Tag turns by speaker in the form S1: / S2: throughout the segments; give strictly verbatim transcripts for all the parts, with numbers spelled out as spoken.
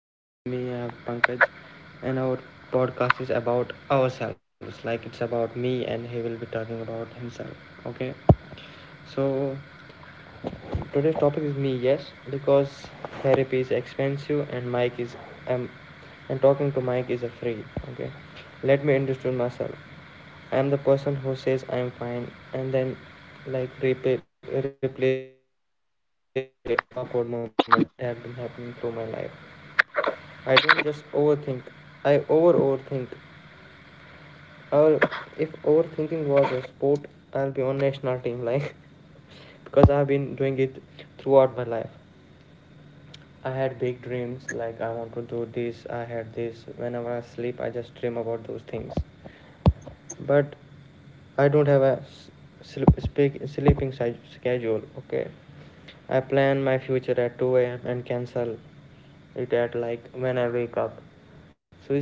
S1: and with me I have Pankaj, and our podcast is about ourselves. Like, it's about me, and he will be talking about himself. Okay, so today's topic is me, yes, because therapy is expensive and Mike is um and talking to Mike is a free. Okay. Let me understand myself. I am the person who says I am fine and then, like, replay, replays every awkward moment that that have been happening through my life. I don't just overthink. I over overthink. Or if overthinking was a sport, I'll be on national team, like because I've been doing it throughout my life. I had big dreams, like I want to do this, I had this. Whenever I sleep, I just dream about those things. But I don't have a sleep, speak, sleeping si- schedule, okay? I plan my future at two a m and cancel it at, like, when I wake up.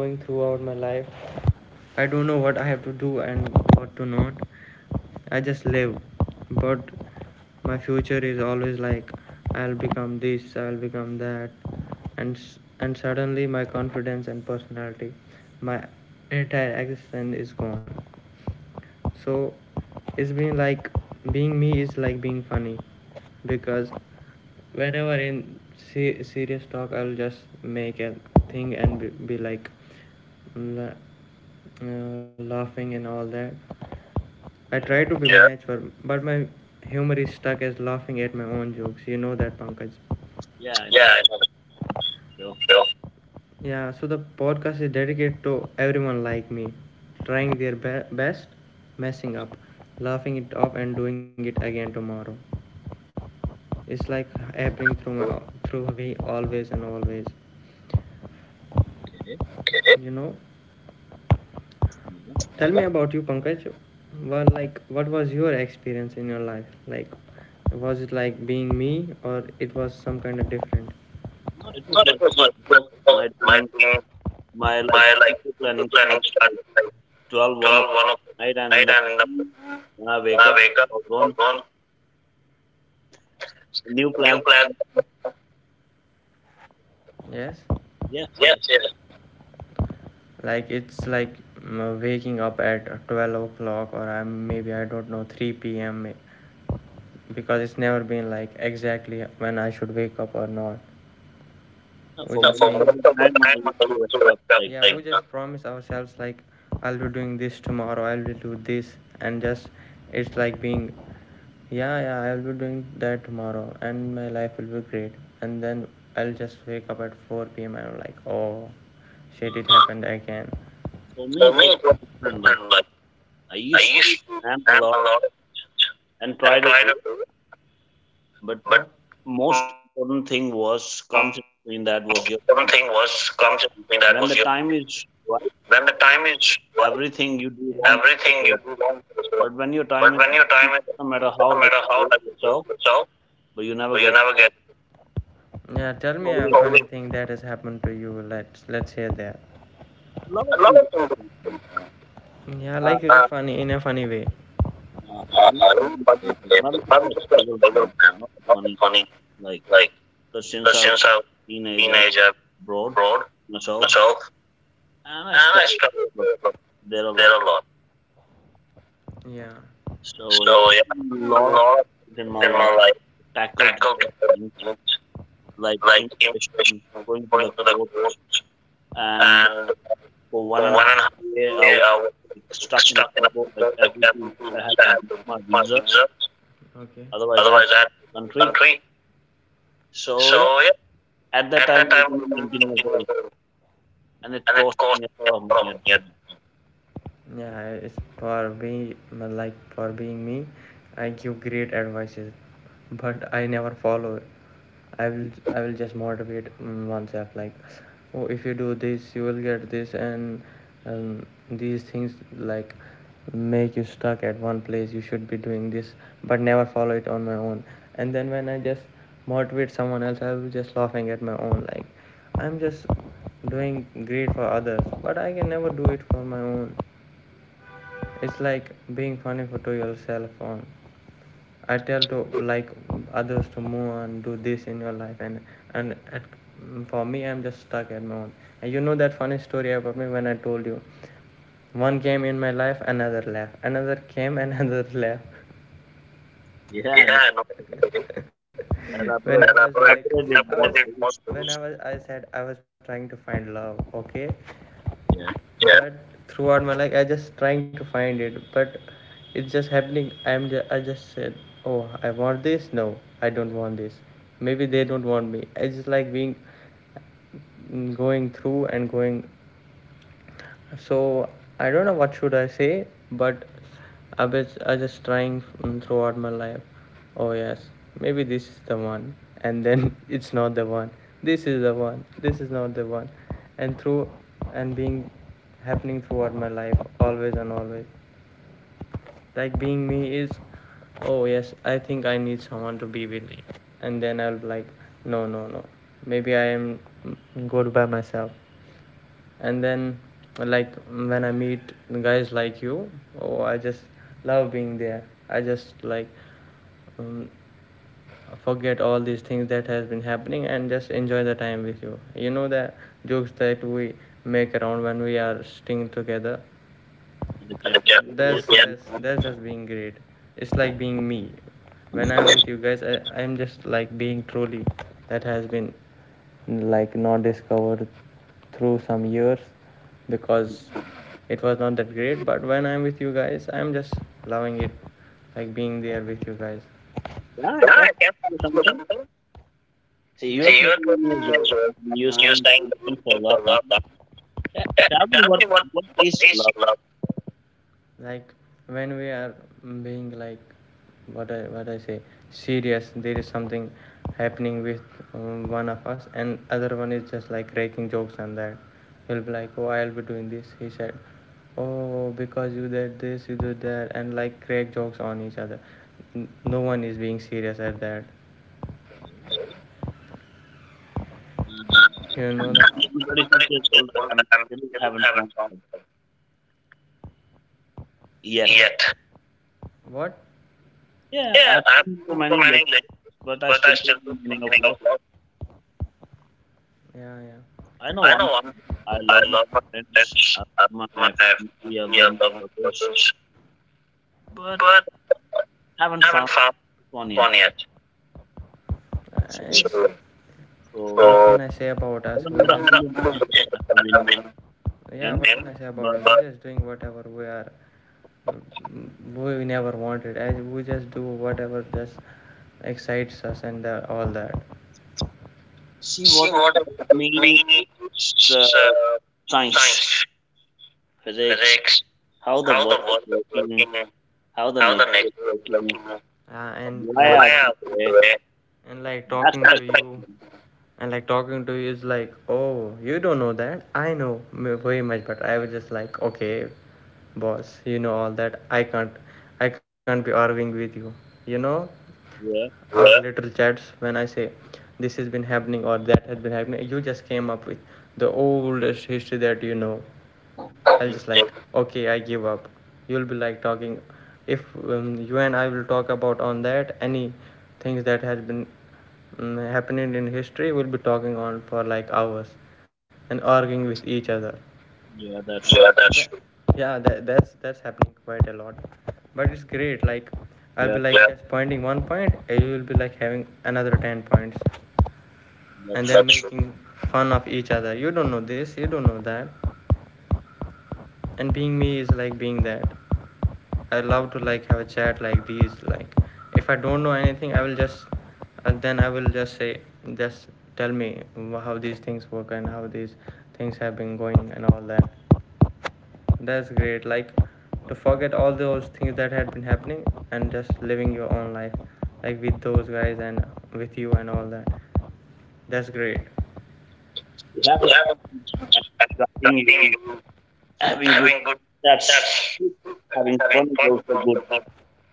S1: So it's been like going throughout my life. I don't know what I have to do and what to not. I just live, but my future is always like I'll become this, I'll become that, and and suddenly my confidence and personality, my entire existence is gone. So it's been like being me is like being funny, because whenever in se- serious talk I'll just make a thing and be, be like la- uh, laughing and all that. I
S2: Yeah.
S1: try to be, yeah, natural, but my humor is stuck as laughing at my own jokes. You know that, Pankaj.
S2: Yeah, I know
S1: Yeah,
S2: that
S1: I know that.
S2: show.
S1: Sure. Yeah, so the podcast is dedicated to everyone like me, trying their be- best, messing up, laughing it off, and doing it again tomorrow. It's like happening through my through me always and always.
S2: Okay.
S1: You know,
S2: Yeah.
S1: tell me about you, Pankaj. Well, like, what was your experience in your life? Like, was it like being me, or it was some kind of different?
S2: No, it
S1: No,
S2: was
S1: it
S2: like
S1: was not different.
S2: because my
S1: My
S2: dream,
S1: thing,
S2: my like
S1: my
S2: future planning
S1: like planning
S2: started like
S1: started like
S2: twelve, one 1
S1: twelve, one
S2: o'clock
S1: o'clock
S2: at night, and in
S1: night,
S2: the
S1: and in the
S2: morning when I
S1: when
S2: wake
S1: I
S2: up,
S1: wake up,
S2: or
S1: it
S2: gone
S1: was
S2: new
S1: on new
S2: plans.
S1: plan. Yes.
S2: Yes, yes.
S1: Yes, yes. Like it's like mm, waking up at twelve o'clock, or I'm, maybe I don't know three p m because it's never been like exactly when I should wake up or not.
S2: No,
S1: We
S2: for
S1: just
S2: most
S1: been,
S2: of the time, I used to wake up like
S1: yeah,
S2: um,
S1: we just Yeah, promise ourselves like I'll be doing this tomorrow, I'll be do this, and just it's like being, yeah, yeah, I'll be doing that tomorrow, and my life will be great. And then I'll just wake up at four p m and I'm like, oh, shit,
S2: uh,
S1: it happened again.
S2: for me
S1: For
S2: it
S1: me,
S2: was
S1: it was
S2: different. Like
S1: different. Like
S2: I
S1: I
S2: used to
S1: used to
S2: plan a
S1: plan a
S2: lot
S1: lot
S2: and try
S1: and
S2: to do
S1: try to
S2: it,
S1: do,
S2: but
S1: but
S2: most important thing
S1: most
S2: was
S1: everything
S2: comes in
S1: was
S2: between that
S1: comes
S2: was your
S1: in that was your.
S2: when the
S1: When
S2: time
S1: the
S2: is
S1: time is
S2: right.
S1: right, yeah,
S2: Everything you
S1: everything
S2: do
S1: you do
S2: wrong.
S1: wrong
S2: Is over.
S1: is wrong.
S2: But when
S1: But
S2: your
S1: when your
S2: time is,
S1: time is
S2: no
S1: right,
S2: matter
S1: no
S2: how
S1: matter
S2: like
S1: how
S2: you
S1: like
S2: do it
S1: you do
S2: yourself,
S1: yourself,
S2: but you
S1: but
S2: never
S1: you
S2: get
S1: never
S2: it.
S1: get. Yeah. Tell me a,
S2: Always
S1: oh, funny thing that has happened to you. Let's let's hear that.
S2: a lot of
S1: A lot
S2: things.
S1: of things.
S2: happen.
S1: Yeah,
S2: Uh, uh,
S1: like, Uh, funny in a funny way.
S2: you know,
S1: Uh, I don't know,
S2: funny
S1: but
S2: way, but my life was struggle, man. Not funny.
S1: it's funny.
S2: Like,
S1: Like
S2: because since
S1: But
S2: I was
S1: since I was a
S2: teenage, I've
S1: teenager,
S2: abroad
S1: abroad
S2: myself,
S1: myself,
S2: and I
S1: and I
S2: struggled there
S1: struggled
S2: a lot. There a
S1: there
S2: lot.
S1: a lot. Yeah.
S2: So yeah,
S1: So
S2: a
S1: yeah, a
S2: lot of
S1: lot
S2: things in my
S1: in
S2: life
S1: my life
S2: tackled a
S1: tackled
S2: lot of things, like
S1: like immigration,
S2: immigration, going to
S1: going
S2: the
S1: to the
S2: court,
S1: courts,
S2: and
S1: and
S2: for one
S1: for
S2: and a
S1: one
S2: half
S1: and a half
S2: year. I
S1: year
S2: was
S1: I was
S2: like, stuck in a
S1: stuck in a
S2: limbo, like
S1: prison, like
S2: every two
S1: every two
S2: weeks I
S1: weeks
S2: had
S1: I
S2: to
S1: had
S2: get
S1: to get
S2: my
S1: my
S2: visa,
S1: visa. Okay.
S2: otherwise I had to
S1: Otherwise, I had to
S2: leave the
S1: leave the
S2: country.
S1: country.
S2: So
S1: So
S2: yeah,
S1: yeah,
S2: at that
S1: at
S2: time I
S1: that
S2: was
S1: time I
S2: only
S1: was doing
S2: nineteen years old,
S1: engineering,
S2: and it
S1: and it
S2: cost
S1: cost
S2: me a
S1: me
S2: lot of money.
S1: from
S2: At the
S1: it.
S2: time.
S1: Yeah, it's for being like for being me. I give great advices, but I never follow it. I will I will just motivate, mm, oneself like, oh, if you do this, you will get this, and, um, these things like make you stuck at one place. You should be doing this, but never follow it on my own. And then when I just motivate someone else, I will be just laughing at my own, like, I'm just doing great for others, but I can never do it for my own. It's like being funny for to yourself on. I tell to, like, others to move on, do this in your life, and and at, for me, I'm just stuck at my own. And you know that funny story about me when I told you, one came in my life, another left, another came, another left.
S2: Yeah,
S1: Yeah,
S2: I know.
S1: I know.
S2: Okay.
S1: when and I
S2: Elaborate,
S1: was like, I
S2: elaborate it more,
S1: was-
S2: please.
S1: when I was, I said I was trying to find love. Okay,
S2: Yeah,
S1: yeah, but throughout my life I just trying to find it, but it's just happening. I'm just i just said, oh, I want this, no I don't want this, maybe they don't want me. It's just like being going through and going. So I don't know what should I say, but I was I just trying, mm, throughout my life. Oh yes, maybe this is the one, and then it's not the one. This is the one. This is not the one, and through and being happening throughout my life, always and always. Like being me is, oh yes, I think I need someone to be with me, and then I'll be like, no, no, no, maybe I am, mm, good by myself. And then like when I meet guys like you, oh, I just love being there. I just like, um, forget all these things that has been happening and just enjoy the time with you. You know the jokes that we make around when we are staying together.
S2: and the cafeteria. Yes,
S1: that's
S2: yes.
S1: that's that's just being great. It's like being me. When I'm with you guys, I, I'm just like being truly that has been like not discovered through some years because it was not that great. But when I'm with you guys, I'm just loving it, like being there with you guys.
S2: Yeah, I can
S1: Yeah.
S2: ask you something. See,
S1: Yeah.
S2: you are
S1: See, you are
S2: twenty-one
S1: twelve
S2: years old,
S1: years
S2: and you're
S1: old. You
S2: saying that
S1: saying
S2: you're
S1: that
S2: looking for
S1: you for
S2: love. Huh?
S1: love. Tell
S2: Yeah, tell me what
S1: me what,
S2: what
S1: what
S2: is
S1: is
S2: love?
S1: love? Like when we are being like what i what i say serious, there is something happening with, um, one of us, and other one is just like cracking jokes on that. He'll be like, oh, I'll be doing this. He said, oh, because you did this, you did that, and like crack jokes on each other. No one is being serious at that.
S2: Mm.
S1: You know
S2: I'm thirty-six
S1: that, I
S2: years
S1: still
S2: old. I'm still haven't found
S1: haven't found
S2: love
S1: one
S2: yet.
S1: yet. What?
S2: Yeah,
S1: Yeah,
S2: I've been
S1: I've
S2: to
S1: been to
S2: many
S1: many,
S2: lakes, but I
S1: but I
S2: still don't
S1: still
S2: know
S1: don't
S2: the
S1: know
S2: meaning
S1: the
S2: of
S1: meaning
S2: love.
S1: of love. Yeah, yeah.
S2: I know
S1: I
S2: one
S1: know, I'm,
S2: thing. I
S1: I
S2: love my
S1: love my
S2: friends.
S1: pets,
S2: I
S1: I love
S2: love my
S1: my
S2: family. I
S1: family,
S2: love
S1: I
S2: my
S1: love my
S2: brothers,
S1: brothers,
S2: but
S1: but
S2: haven't
S1: I haven't
S2: found
S1: found
S2: this one yet.
S1: one yet.
S2: So,
S1: It's,
S2: yeah.
S1: So,
S2: So
S1: so, what can so I say about us? We
S2: doesn't
S1: just,
S2: matter how many relationships
S1: i
S2: I have been
S1: mean, yeah,
S2: in,
S1: what can I say about
S2: but
S1: us? We're just doing whatever we are. We never wanted. We just do whatever just excites us and uh all that.
S2: see
S1: See
S2: what
S1: what
S2: excites
S1: I
S2: me
S1: mean
S2: is uh,
S1: is, uh,
S2: science,
S1: science,
S2: physics,
S1: physics,
S2: how the
S1: how the
S2: world is
S1: world is
S2: working,
S1: working, and
S2: how the
S1: how the
S2: nature
S1: nature.
S2: is working.
S1: Uh, and like,
S2: Wow,
S1: why,
S2: okay.
S1: and like
S2: That's
S1: talking.
S2: what
S1: That's
S2: I
S1: to you,
S2: think.
S1: and like talking to you is like, oh, you don't know that, I know very much, but I was just like, okay, boss, you know all that, I can't, i can't be arguing with you, you know.
S2: Yeah,
S1: Our, yeah, little chats when I say this has been happening or that has been happening, you just came up with the oldest history that you know. I'll
S2: yeah,
S1: just like, okay, I give up. You'll be like talking, if, um, you and I will talk about on that any things that has been, um, happening in history, we'll be talking on for like hours, and arguing with each other.
S2: yeah,
S1: Yeah,
S2: that's true.
S1: that's true. Yeah, that that's that's happening quite a lot, but it's great. Like I'll be
S2: Yeah,
S1: like, yeah, just pointing one point, and you will be like having another ten points, and
S2: that's true.
S1: then, that's true, making true fun of each other. You don't know this, you don't know that, and being me is like being that. I love to like have a chat like these. Like if I don't know anything, I will just and then I will just say, just tell me how these things work and how these things have been going and all that. That's great. Like to forget all those things that had been happening and just living your own life, like with those guys and with you and all that. That's great.
S2: Having
S1: Yeah.
S2: having you having good
S1: Having good,
S2: that's good. Having
S1: having
S2: fun is
S1: fun.
S2: also good.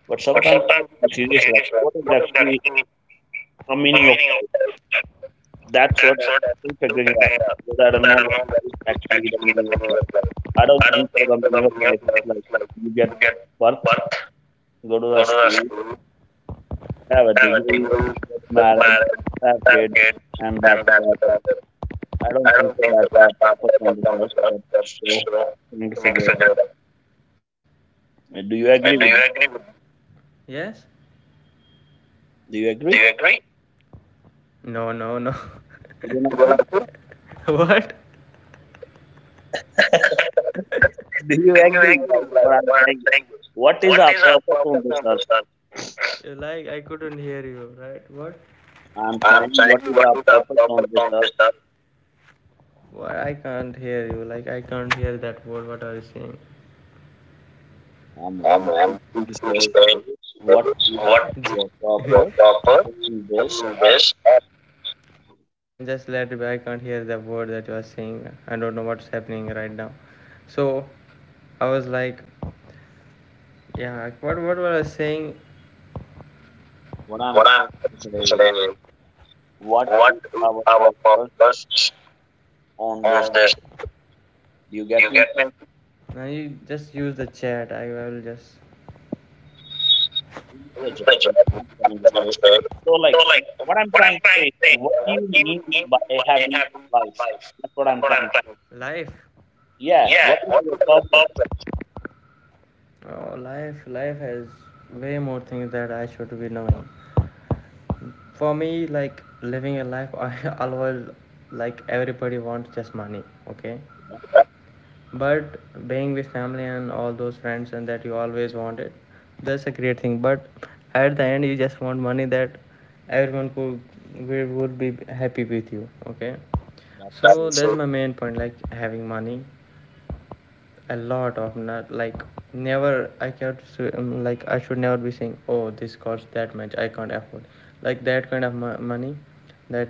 S2: But
S1: But
S2: sometimes you have
S1: sometimes
S2: to
S1: you
S2: be
S1: have to be
S2: serious like
S1: serious, right?
S2: what is
S1: What is
S2: actually
S1: that?
S2: the
S1: The
S2: meaning of
S1: meaning of
S2: life?
S1: life.
S2: That's what
S1: That's
S2: I'm
S1: what I'm
S2: still
S1: still
S2: figuring out.
S1: figuring out.
S2: Because I don't
S1: Because I
S2: know
S1: don't
S2: what
S1: know what
S2: is
S1: is
S2: actually the
S1: actually the
S2: meaning of
S1: meaning of
S2: life.
S1: life.
S2: I don't
S1: I
S2: think
S1: don't
S2: so the
S1: think that the
S2: meaning of
S1: meaning of
S2: life is
S1: life
S2: like
S1: is like
S2: you get birth,
S1: work,
S2: you go to
S1: go
S2: the
S1: to the
S2: school,
S1: school,
S2: have a
S1: have a
S2: degree,
S1: degree,
S2: get
S1: get
S2: married,
S1: married,
S2: have
S1: have
S2: kids,
S1: kids,
S2: and that's
S1: and that's
S2: about it.
S1: about it.
S2: I don't
S1: I
S2: think
S1: don't
S2: so
S1: think
S2: that's
S1: that
S2: our
S1: that's not
S2: purpose
S1: that
S2: on
S1: much
S2: this
S1: on
S2: earth,
S1: this earth.
S2: but
S1: That's
S2: so
S1: wrong.
S2: we need to
S1: We need to
S2: figure it
S1: figure it out.
S2: out. Uh, Do
S1: Uh,
S2: you
S1: Do you
S2: agree with
S1: agree
S2: me?
S1: with me? Yes?
S2: Do you
S1: Do you
S2: agree?
S1: agree? No, no, no.
S2: You don't
S1: You
S2: agree?
S1: don't agree? What?
S2: Do you agree like
S1: Like
S2: what I'm
S1: what I'm
S2: saying? Is,
S1: saying. Is,
S2: what is
S1: What
S2: our
S1: is a
S2: purpose
S1: proper
S2: on this earth?
S1: conversation? Like I couldn't hear you, right? What?
S2: I'm
S1: I'm
S2: saying
S1: saying
S2: what is
S1: what
S2: our
S1: is a
S2: purpose
S1: proper
S2: on this earth?
S1: conversation? What? I can't hear you. Like I can't hear that word. What are you saying?
S2: Um,
S1: I'm,
S2: I'm
S1: I'm,
S2: trying to
S1: I'm
S2: say
S1: just saying
S2: is what is
S1: what is
S2: our
S1: a
S2: purpose
S1: proper
S2: on this earth?
S1: conversation? Man, just let it be. I can't hear the word that you are saying. I don't know what's happening right now. So I was like, yeah. What? What were I saying?
S2: What I'm
S1: What I'm
S2: trying to say is
S1: saying is
S2: what
S1: what
S2: is our
S1: our
S2: purpose
S1: problems
S2: on this?
S1: and this?
S2: Do you get
S1: You
S2: me?
S1: get me? Now you just use the chat. I will just. Use
S2: The job.
S1: the
S2: I'm trying to say.
S1: chat.
S2: So,
S1: So
S2: like,
S1: like,
S2: what I'm
S1: what I'm
S2: trying to
S1: trying
S2: say
S1: to
S2: is,
S1: say,
S2: like, what do
S1: what
S2: you
S1: do you
S2: mean
S1: mean
S2: by
S1: by
S2: having a
S1: having
S2: life?
S1: life?
S2: That's what
S1: That's
S2: I'm
S1: what I'm
S2: trying to.
S1: trying. To say. Life.
S2: Yeah,
S1: Yeah,
S2: what is
S1: what
S2: your
S1: is the
S2: purpose?
S1: problem? Oh, life. Life has way more things that I should be knowing. For me like living a life I always like everybody wants just money. Okay.
S2: You know?
S1: But being with family and all those friends and that you always wanted, that's a great thing, but at the end you just want money that everyone could we would be happy with you. Okay.
S2: That's
S1: So
S2: it.
S1: that's my main point, like having money, a lot of not like never I can't um, like I should never be saying oh this costs that much, I can't afford like that kind of money that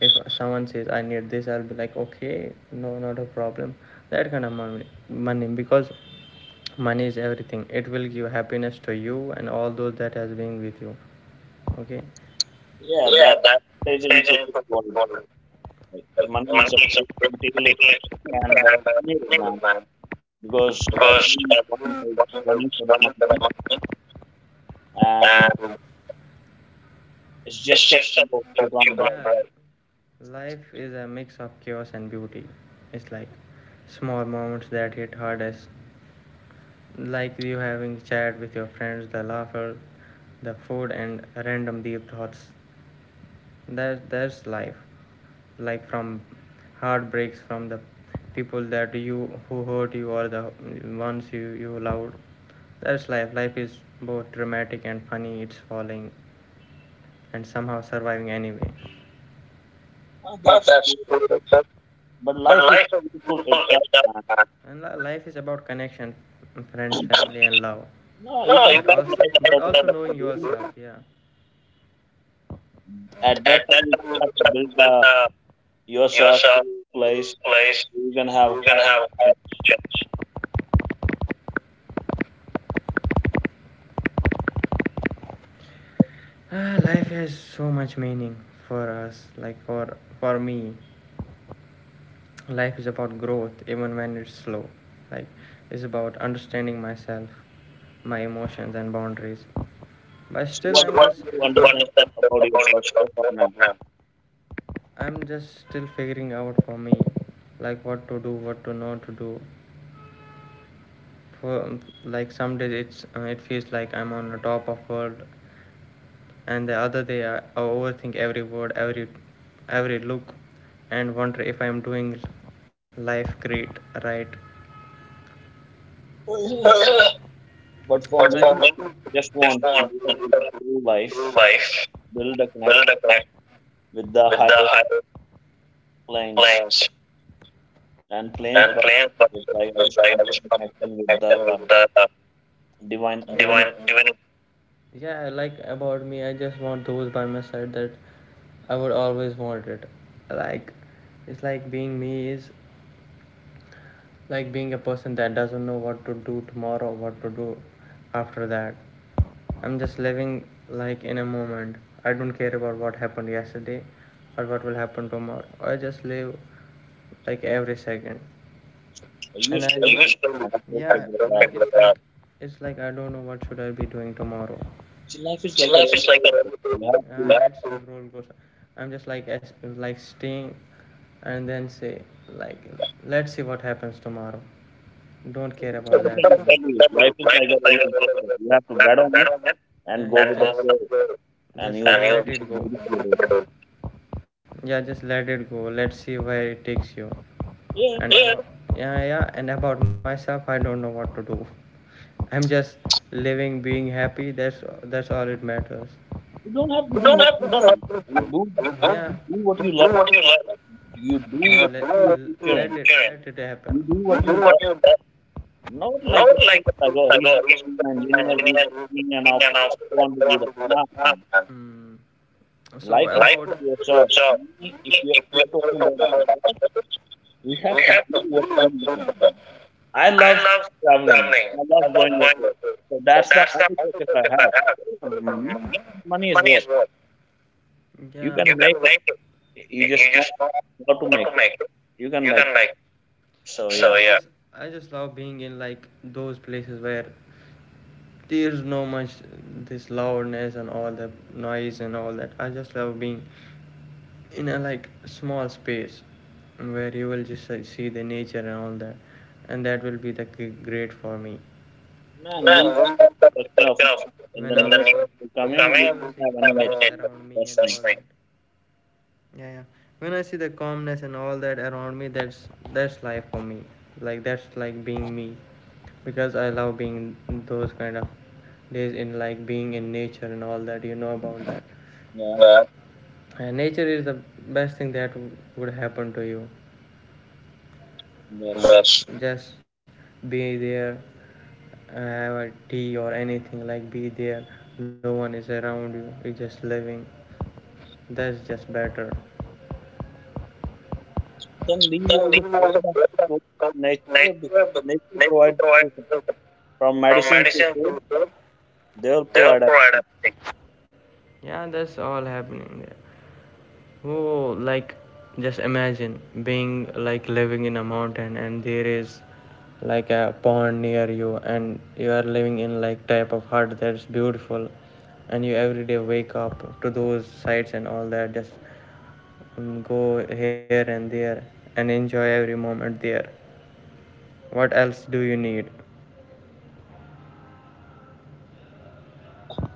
S1: if someone says I need this, I'll be like okay, no, not a problem. That kind of money money because money is everything. It will give happiness to you and all those that has been with you. Okay.
S2: Yeah,
S1: Yeah,
S2: that
S1: that
S2: is
S1: is
S2: into this world.
S1: important.
S2: Like, money is a
S1: Money is
S2: big
S1: a good
S2: materialistic
S1: material,
S2: thing, and uh,
S1: and
S2: need it, man,
S1: uh,
S2: because
S1: because everyone
S2: everyone is
S1: is
S2: running for the
S1: running for the
S2: money,
S1: money,
S2: and
S1: and
S2: it's
S1: it's
S2: just a
S1: just a
S2: what you
S1: what you
S2: can't
S1: want.
S2: break.
S1: Yeah. Right. Life is a mix of chaos and beauty. It's like small moments that hit hardest, like you having chat with your friends, the laughter, the food, and random deep thoughts. That, that's life. Like from heartbreaks from the people that you who hurt you or the ones you you loved, that's life. Life is both dramatic and funny. It's falling and somehow surviving anyway.
S2: Oh,
S1: Well,
S2: that's
S1: that's
S2: cool.
S1: true,
S2: So,
S1: sir.
S2: but
S1: But
S2: life is
S1: life is
S2: beautiful
S1: beautiful
S2: itself,
S1: itself, and life is about connection, friends,
S2: man.
S1: family, and love.
S2: No, you
S1: No,
S2: can
S1: you but
S2: live a
S1: also,
S2: life
S1: but
S2: without a
S1: also knowing
S2: money.
S1: yourself, yeah.
S2: At that
S1: At
S2: time,
S1: that
S2: you
S1: time,
S2: just
S1: you
S2: have to
S1: just
S2: build
S1: to build
S2: uh,
S1: uh,
S2: yourself to
S1: yourself to
S2: a
S1: a
S2: place
S1: place
S2: where you can
S1: you can
S2: have
S1: have
S2: high attention.
S1: a chance. Ah, life has so much meaning for us. Like for for me, life is about growth, even when it's slow. Like it's about understanding myself, my emotions and boundaries. But
S2: So,
S1: still,
S2: what do you
S1: I'm
S2: understand about yourself so far
S1: just,
S2: now?
S1: I'm just still figuring out for me, like what to do, what to not to do. For like some days, it's uh, it feels like I'm on the top of world, and the other day I, I overthink every word, every every look, and wonder if I am doing life great, right.
S2: Oh, yeah. But for
S1: But
S2: me,
S1: for me,
S2: just want
S1: just
S2: to live
S1: want
S2: a
S1: to live a
S2: peaceful life,
S1: full life,
S2: build a
S1: build
S2: connection
S1: a plan
S2: with the
S1: with the
S2: higher
S1: higher
S2: planes
S1: plans
S2: and planes.
S1: and
S2: But
S1: plans, but
S2: it's like I just
S1: like
S2: want
S1: I just
S2: to
S1: want
S2: connection
S1: to
S2: with the
S1: connection
S2: uh,
S1: with the
S2: divine
S1: divine,
S2: divinity.
S1: divine. Yeah, like about me, I just want those by my side that I would always want it. Like, it's like being me is like being a person that doesn't know what to do tomorrow, what to do after that. I'm just living like in a moment. I don't care about what happened yesterday or what will happen tomorrow. I just live like every second,
S2: I
S1: and I
S2: used to live and
S1: don't,
S2: still
S1: yeah
S2: figure it out.
S1: like it's like, it's like I don't know what should I be doing tomorrow.
S2: See, life is
S1: See,
S2: like a
S1: life
S2: roller
S1: is like a
S2: coaster.
S1: roller
S2: You
S1: coaster.
S2: have to.
S1: Yeah, it's a roller coaster. I'm just like like staying and then say like let's see what happens tomorrow. Don't
S2: So,
S1: care
S2: that's what
S1: about
S2: I'm
S1: that.
S2: trying to tell
S1: You
S2: you.
S1: have to
S2: Life is like a roller coaster. You have to get on
S1: bet on it
S2: and
S1: and
S2: go with
S1: yeah,
S2: the
S1: go with
S2: flow
S1: the flow.
S2: and
S1: Just,
S2: you'll
S1: let
S2: see a
S1: it go.
S2: beautiful day.
S1: Yeah, just let it go. Let's see where it takes you.
S2: Yeah,
S1: And yeah. About, yeah, yeah. And about myself, I don't know what to do. I'm just living, being happy. That's that's all it matters.
S2: you don't have to
S1: You
S2: do
S1: don't have to
S2: nothing.
S1: do
S2: Man. You
S1: nothing.
S2: do
S1: Yeah,
S2: you do what you
S1: do
S2: like.
S1: what you like.
S2: You do what
S1: let, let
S2: you
S1: it
S2: future in.
S1: let it
S2: You
S1: happen.
S2: do what you
S1: Do what
S2: love.
S1: you like.
S2: Not like
S1: Not like
S2: like oh
S1: I
S2: he's
S1: go, he's
S2: becoming an
S1: my
S2: engineer,
S1: engineer,
S2: he's becoming an
S1: and an
S2: officer. I
S1: officer,
S2: want to
S1: I
S2: do
S1: want
S2: that.
S1: to do
S2: Nah, man.
S1: that. Mm. So
S2: Life is
S1: like about your
S2: yourself.
S1: job,
S2: We- If you're,
S1: if
S2: if
S1: we are
S2: you're talking about
S1: talking about
S2: ourselves,
S1: hospitals,
S2: we have
S1: we
S2: to
S1: have
S2: do
S1: to
S2: what
S1: do
S2: we
S1: what we
S2: love.
S1: do.
S2: I
S1: I
S2: love
S1: love
S2: traveling.
S1: traveling.
S2: I
S1: I
S2: love going
S1: love going.
S2: away.
S1: To,
S2: So
S1: So
S2: that's the
S1: that's
S2: only focus I
S1: if I
S2: have.
S1: have.
S2: Money, money is
S1: Money
S2: what
S1: is what
S2: you
S1: yeah,
S2: can
S1: you
S2: make.
S1: can make. It.
S2: You just
S1: You
S2: know
S1: just know
S2: how to
S1: how
S2: make
S1: to
S2: it.
S1: make it.
S2: You can
S1: You
S2: make
S1: can
S2: it.
S1: make. It.
S2: So
S1: So
S2: yeah,
S1: I yeah. I just- I just love being in like those places where there's no much this loudness and all the noise and all that. I just love being in a like small space where you will just like, see the nature and all that, and that will be the great for me.
S2: man, we got
S1: No,
S2: the question of in the
S1: when I
S2: near
S1: was,
S2: future
S1: yeah,
S2: coming. We
S1: I will
S2: don't have any nature.
S1: around me and
S2: That's
S1: all
S2: me.
S1: that. Yeah yeah When I see the calmness and all that around me, that's that's life for me. Like that's like being me because I love being in those kind of days in like being in nature and all that. You know about that.
S2: Yeah,
S1: Yeah, and nature is the best thing that w- would happen to you.
S2: yes.
S1: Best. Just be there, have a tea or anything, like be there, no one is around you, you're just living. That's just better.
S2: Then leave
S1: Then Lee
S2: all the
S1: was
S2: food
S1: a
S2: and
S1: brother
S2: go to
S1: from
S2: nature because
S1: nature,
S2: nature
S1: nature
S2: provides
S1: provides
S2: everything from
S1: from
S2: medicine to
S1: medicine
S2: food.
S1: to food,
S2: They will
S1: they will
S2: provide
S1: provide
S2: everything.
S1: everything. Yeah, that's all happening there. Oh, like just imagine being like living in a mountain and there is like a pond near you and you are living in like type of hut. That's beautiful. And you every day wake up to those sights and all that, just um, go here and there and enjoy every moment there. What else do you need?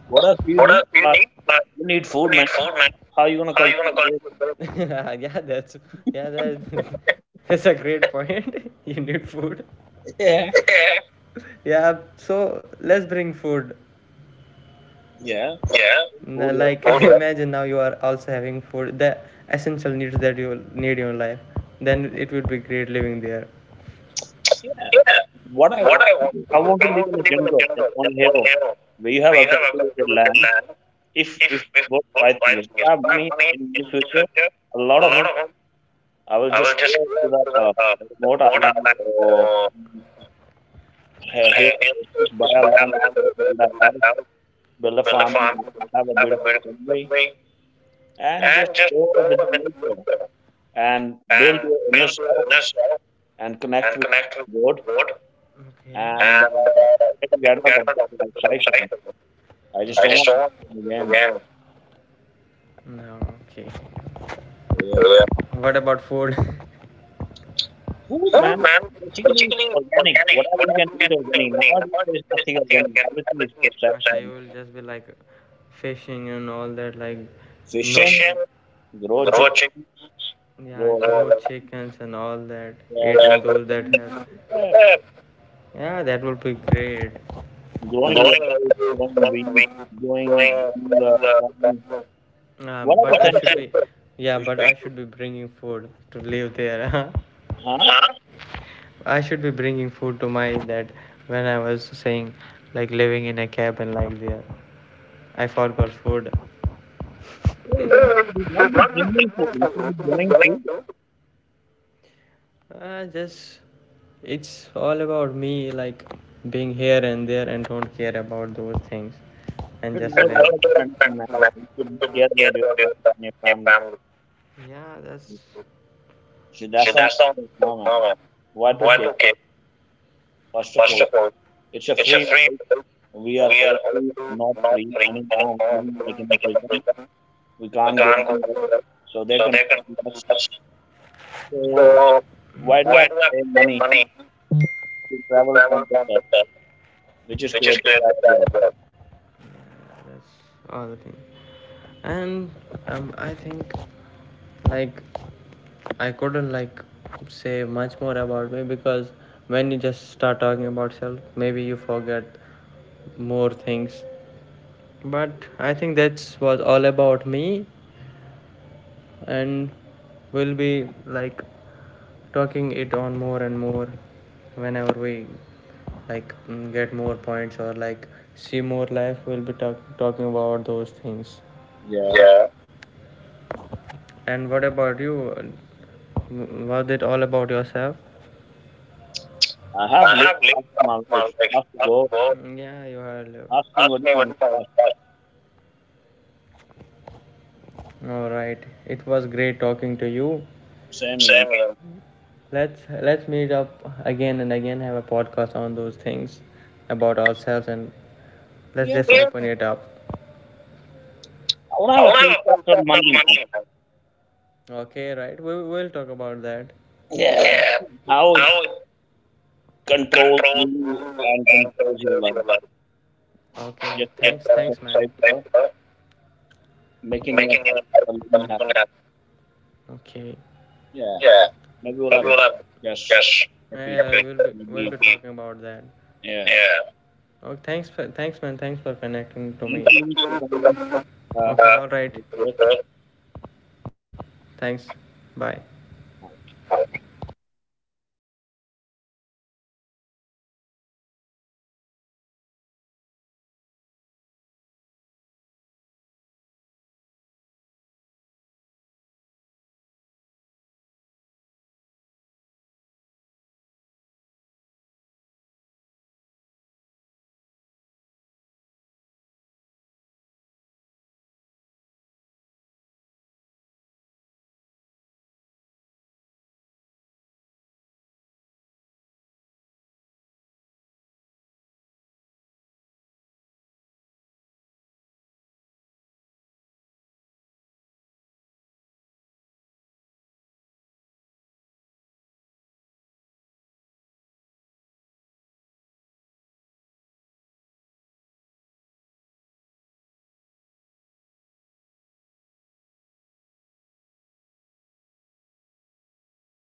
S2: What else do you
S1: What
S2: need?
S1: else do you
S2: Uh,
S1: need? Man?
S2: you need
S1: You
S2: food, man.
S1: need food, man.
S2: How you gonna
S1: How are you
S2: cultivate?
S1: gonna call people? Yeah, that's yeah, that, that's a great point. You need food.
S2: Yeah,
S1: Yeah. Yeah, so let's bring food.
S2: yeah,
S1: Yeah.
S2: food.
S1: N-
S2: Yeah,
S1: Like okay. Imagine now you are also having food, the essential needs that you need in your life. Then it would be great living there.
S2: yeah.
S1: Yeah.
S2: What I
S1: What
S2: want,
S1: I want,
S2: I want
S1: I
S2: to live
S1: want
S2: in
S1: to
S2: a
S1: live in a
S2: jungle, in
S1: jungle.
S2: on a
S1: That's only
S2: hill
S1: hero.
S2: where you have
S1: We
S2: a
S1: have a
S2: cultivated
S1: cultivated
S2: land.
S1: land.
S2: If
S1: If
S2: if
S1: if
S2: what
S1: God
S2: I think is,
S1: buys
S2: if
S1: me,
S2: I have
S1: I
S2: money
S1: have money
S2: in
S1: in
S2: the
S1: the
S2: future,
S1: future,
S2: a lot
S1: a
S2: of
S1: lot
S2: them
S1: of them,
S2: I will
S1: I
S2: just
S1: will just
S2: go
S1: go
S2: to the
S1: to that
S2: uh,
S1: uh,
S2: remote
S1: remote
S2: island
S1: island
S2: or
S1: or
S2: he- hill
S1: uh,
S2: stations, buy
S1: just
S2: a
S1: buy a
S2: land over
S1: land over
S2: there,
S1: there,
S2: build a
S1: build
S2: house,
S1: a house,
S2: build a
S1: build a
S2: farm,
S1: farm,
S2: have a
S1: have a
S2: beautiful
S1: beautiful
S2: family,
S1: family,
S2: and just
S1: and just
S2: go
S1: go
S2: with the nature
S1: there
S2: and
S1: and
S2: build your
S1: uh,
S2: inner
S1: inner
S2: self
S1: self
S2: and
S1: and
S2: connect with
S1: connect with
S2: God
S1: God. Okay.
S2: and
S1: And uh,
S2: uh, try
S1: I
S2: to get
S1: think
S2: out
S1: that
S2: of
S1: was
S2: this life
S1: the life
S2: cycle.
S1: cycle.
S2: I just
S1: I
S2: don't
S1: just
S2: want
S1: don't want to
S2: to do it
S1: do it
S2: again.
S1: again. No, okay.
S2: Yeah.
S1: Yeah. What about food?
S2: Food,
S1: Food,
S2: man,
S1: man.
S2: basically
S1: Particularly
S2: organic.
S1: organic.
S2: Whatever you can
S1: Whatever
S2: eat
S1: you're
S2: organic.
S1: doing,
S2: Nowadays, there's
S1: there's
S2: nothing
S1: nothing
S2: organic.
S1: organic.
S2: Everything is processed.
S1: I will just be like fishing and all that, like no,
S2: Fishing,
S1: fishing,
S2: grow
S1: raw
S2: chick,
S1: chicken. Yeah,
S2: grow lamb,
S1: grow chickens and all that,
S2: yeah,
S1: eating
S2: grow
S1: yeah, those that
S2: chicken,
S1: have.
S2: yeah,
S1: Yeah. Yeah, that would be great. Going,
S2: growing
S1: going,
S2: water, growing wheat,
S1: going, going,
S2: growing,
S1: going,
S2: growing uh,
S1: going,
S2: corn,
S1: going. Um, but
S2: whatever
S1: what I
S2: thank
S1: should
S2: you.
S1: be, yeah,
S2: You
S1: but
S2: should,
S1: I should be bringing food to live there. Huh?
S2: huh?
S1: Huh? I should be bringing food to my dad when I was saying, like living in a cabin like there. I forgot food.
S2: Yeah,
S1: What's
S2: you should not be bringing food. You should be growing food.
S1: Uh, just, it's all about me, like being here and there, and don't care about those things,
S2: You
S1: and
S2: should
S1: just
S2: never care
S1: live.
S2: about anything, man. You should care about yourself and your family.
S1: Yeah, that's
S2: See,
S1: see,
S2: that's the only
S1: that's the
S2: thing,
S1: only
S2: no, man.
S1: problem.
S2: Why to
S1: Why
S2: care?
S1: to keep?
S2: First of
S1: First
S2: all,
S1: of all,
S2: it's a
S1: it's a
S2: free.
S1: free world.
S2: We are
S1: We are
S2: already
S1: all
S2: not
S1: not
S2: free
S1: free
S2: anymore. We're
S1: anymore.
S2: living like in a
S1: Like in
S2: prison.
S1: the
S2: We
S1: we
S2: can't go
S1: can't go
S2: anywhere.
S1: anywhere.
S2: So they
S1: So
S2: can
S1: they can
S2: us.
S1: us.
S2: So
S1: So
S2: why do I
S1: why
S2: have to
S1: do I have
S2: pay
S1: to pay
S2: money
S1: money
S2: to
S1: to
S2: travel on
S1: travel
S2: the
S1: from
S2: earth,
S1: the death?
S2: which is
S1: We
S2: created
S1: just create the
S2: by God?
S1: travel. That's all the thing. And um, I think like I couldn't like say much more about me because when you just start talking about self, maybe you forget more things. But I think that was all about me, and we'll be like talking it on more and more whenever we like mm, get more points or like see more life. We'll be talk- talking about those things.
S2: Yeah.
S1: Yeah. And what about you? Was it all about yourself?
S2: I have
S1: I
S2: lived
S1: have lived
S2: half
S1: out
S2: my life.
S1: my
S2: I
S1: life.
S2: have to
S1: Ask
S2: go.
S1: about, yeah, you are. Leo.
S2: Ask me
S1: Ask
S2: what do you
S1: me what
S2: want
S1: is my
S2: to
S1: life.
S2: ask.
S1: All right. It was great talking to you.
S2: Same here.
S1: Same here. Let's let's meet up again and again. Have a podcast on those things about ourselves and let's
S2: Yeah.
S1: just yeah, open it up.
S2: I want to
S1: I
S2: have a
S1: want to
S2: podcast on
S1: have a
S2: money, man.
S1: money. Okay, right. We we'll talk about that.
S2: Yeah.
S1: Yeah.
S2: How it
S1: How it
S2: controls
S1: controls
S2: you and
S1: and
S2: controls your
S1: controls
S2: life.
S1: your life. Okay.
S2: Just that
S1: Thanks, just, uh,
S2: piece of
S1: thanks, man.
S2: paper,
S1: uh,
S2: making your
S1: Making your
S2: life
S1: life
S2: a living hell.
S1: something happen. Okay.
S2: Yeah.
S1: Yeah.
S2: Maybe we'll
S1: That
S2: have
S1: will have.
S2: yes
S1: Yes.
S2: for
S1: Yeah,
S2: future.
S1: we'll be, we'll
S2: Maybe
S1: be talking about that.
S2: yeah.
S1: Yeah. Oh, thanks for thanks man. Thanks for connecting to
S2: Thank
S1: me.
S2: you for coming. Uh,
S1: Okay. All right.
S2: for this.
S1: Okay. Thanks. Bye.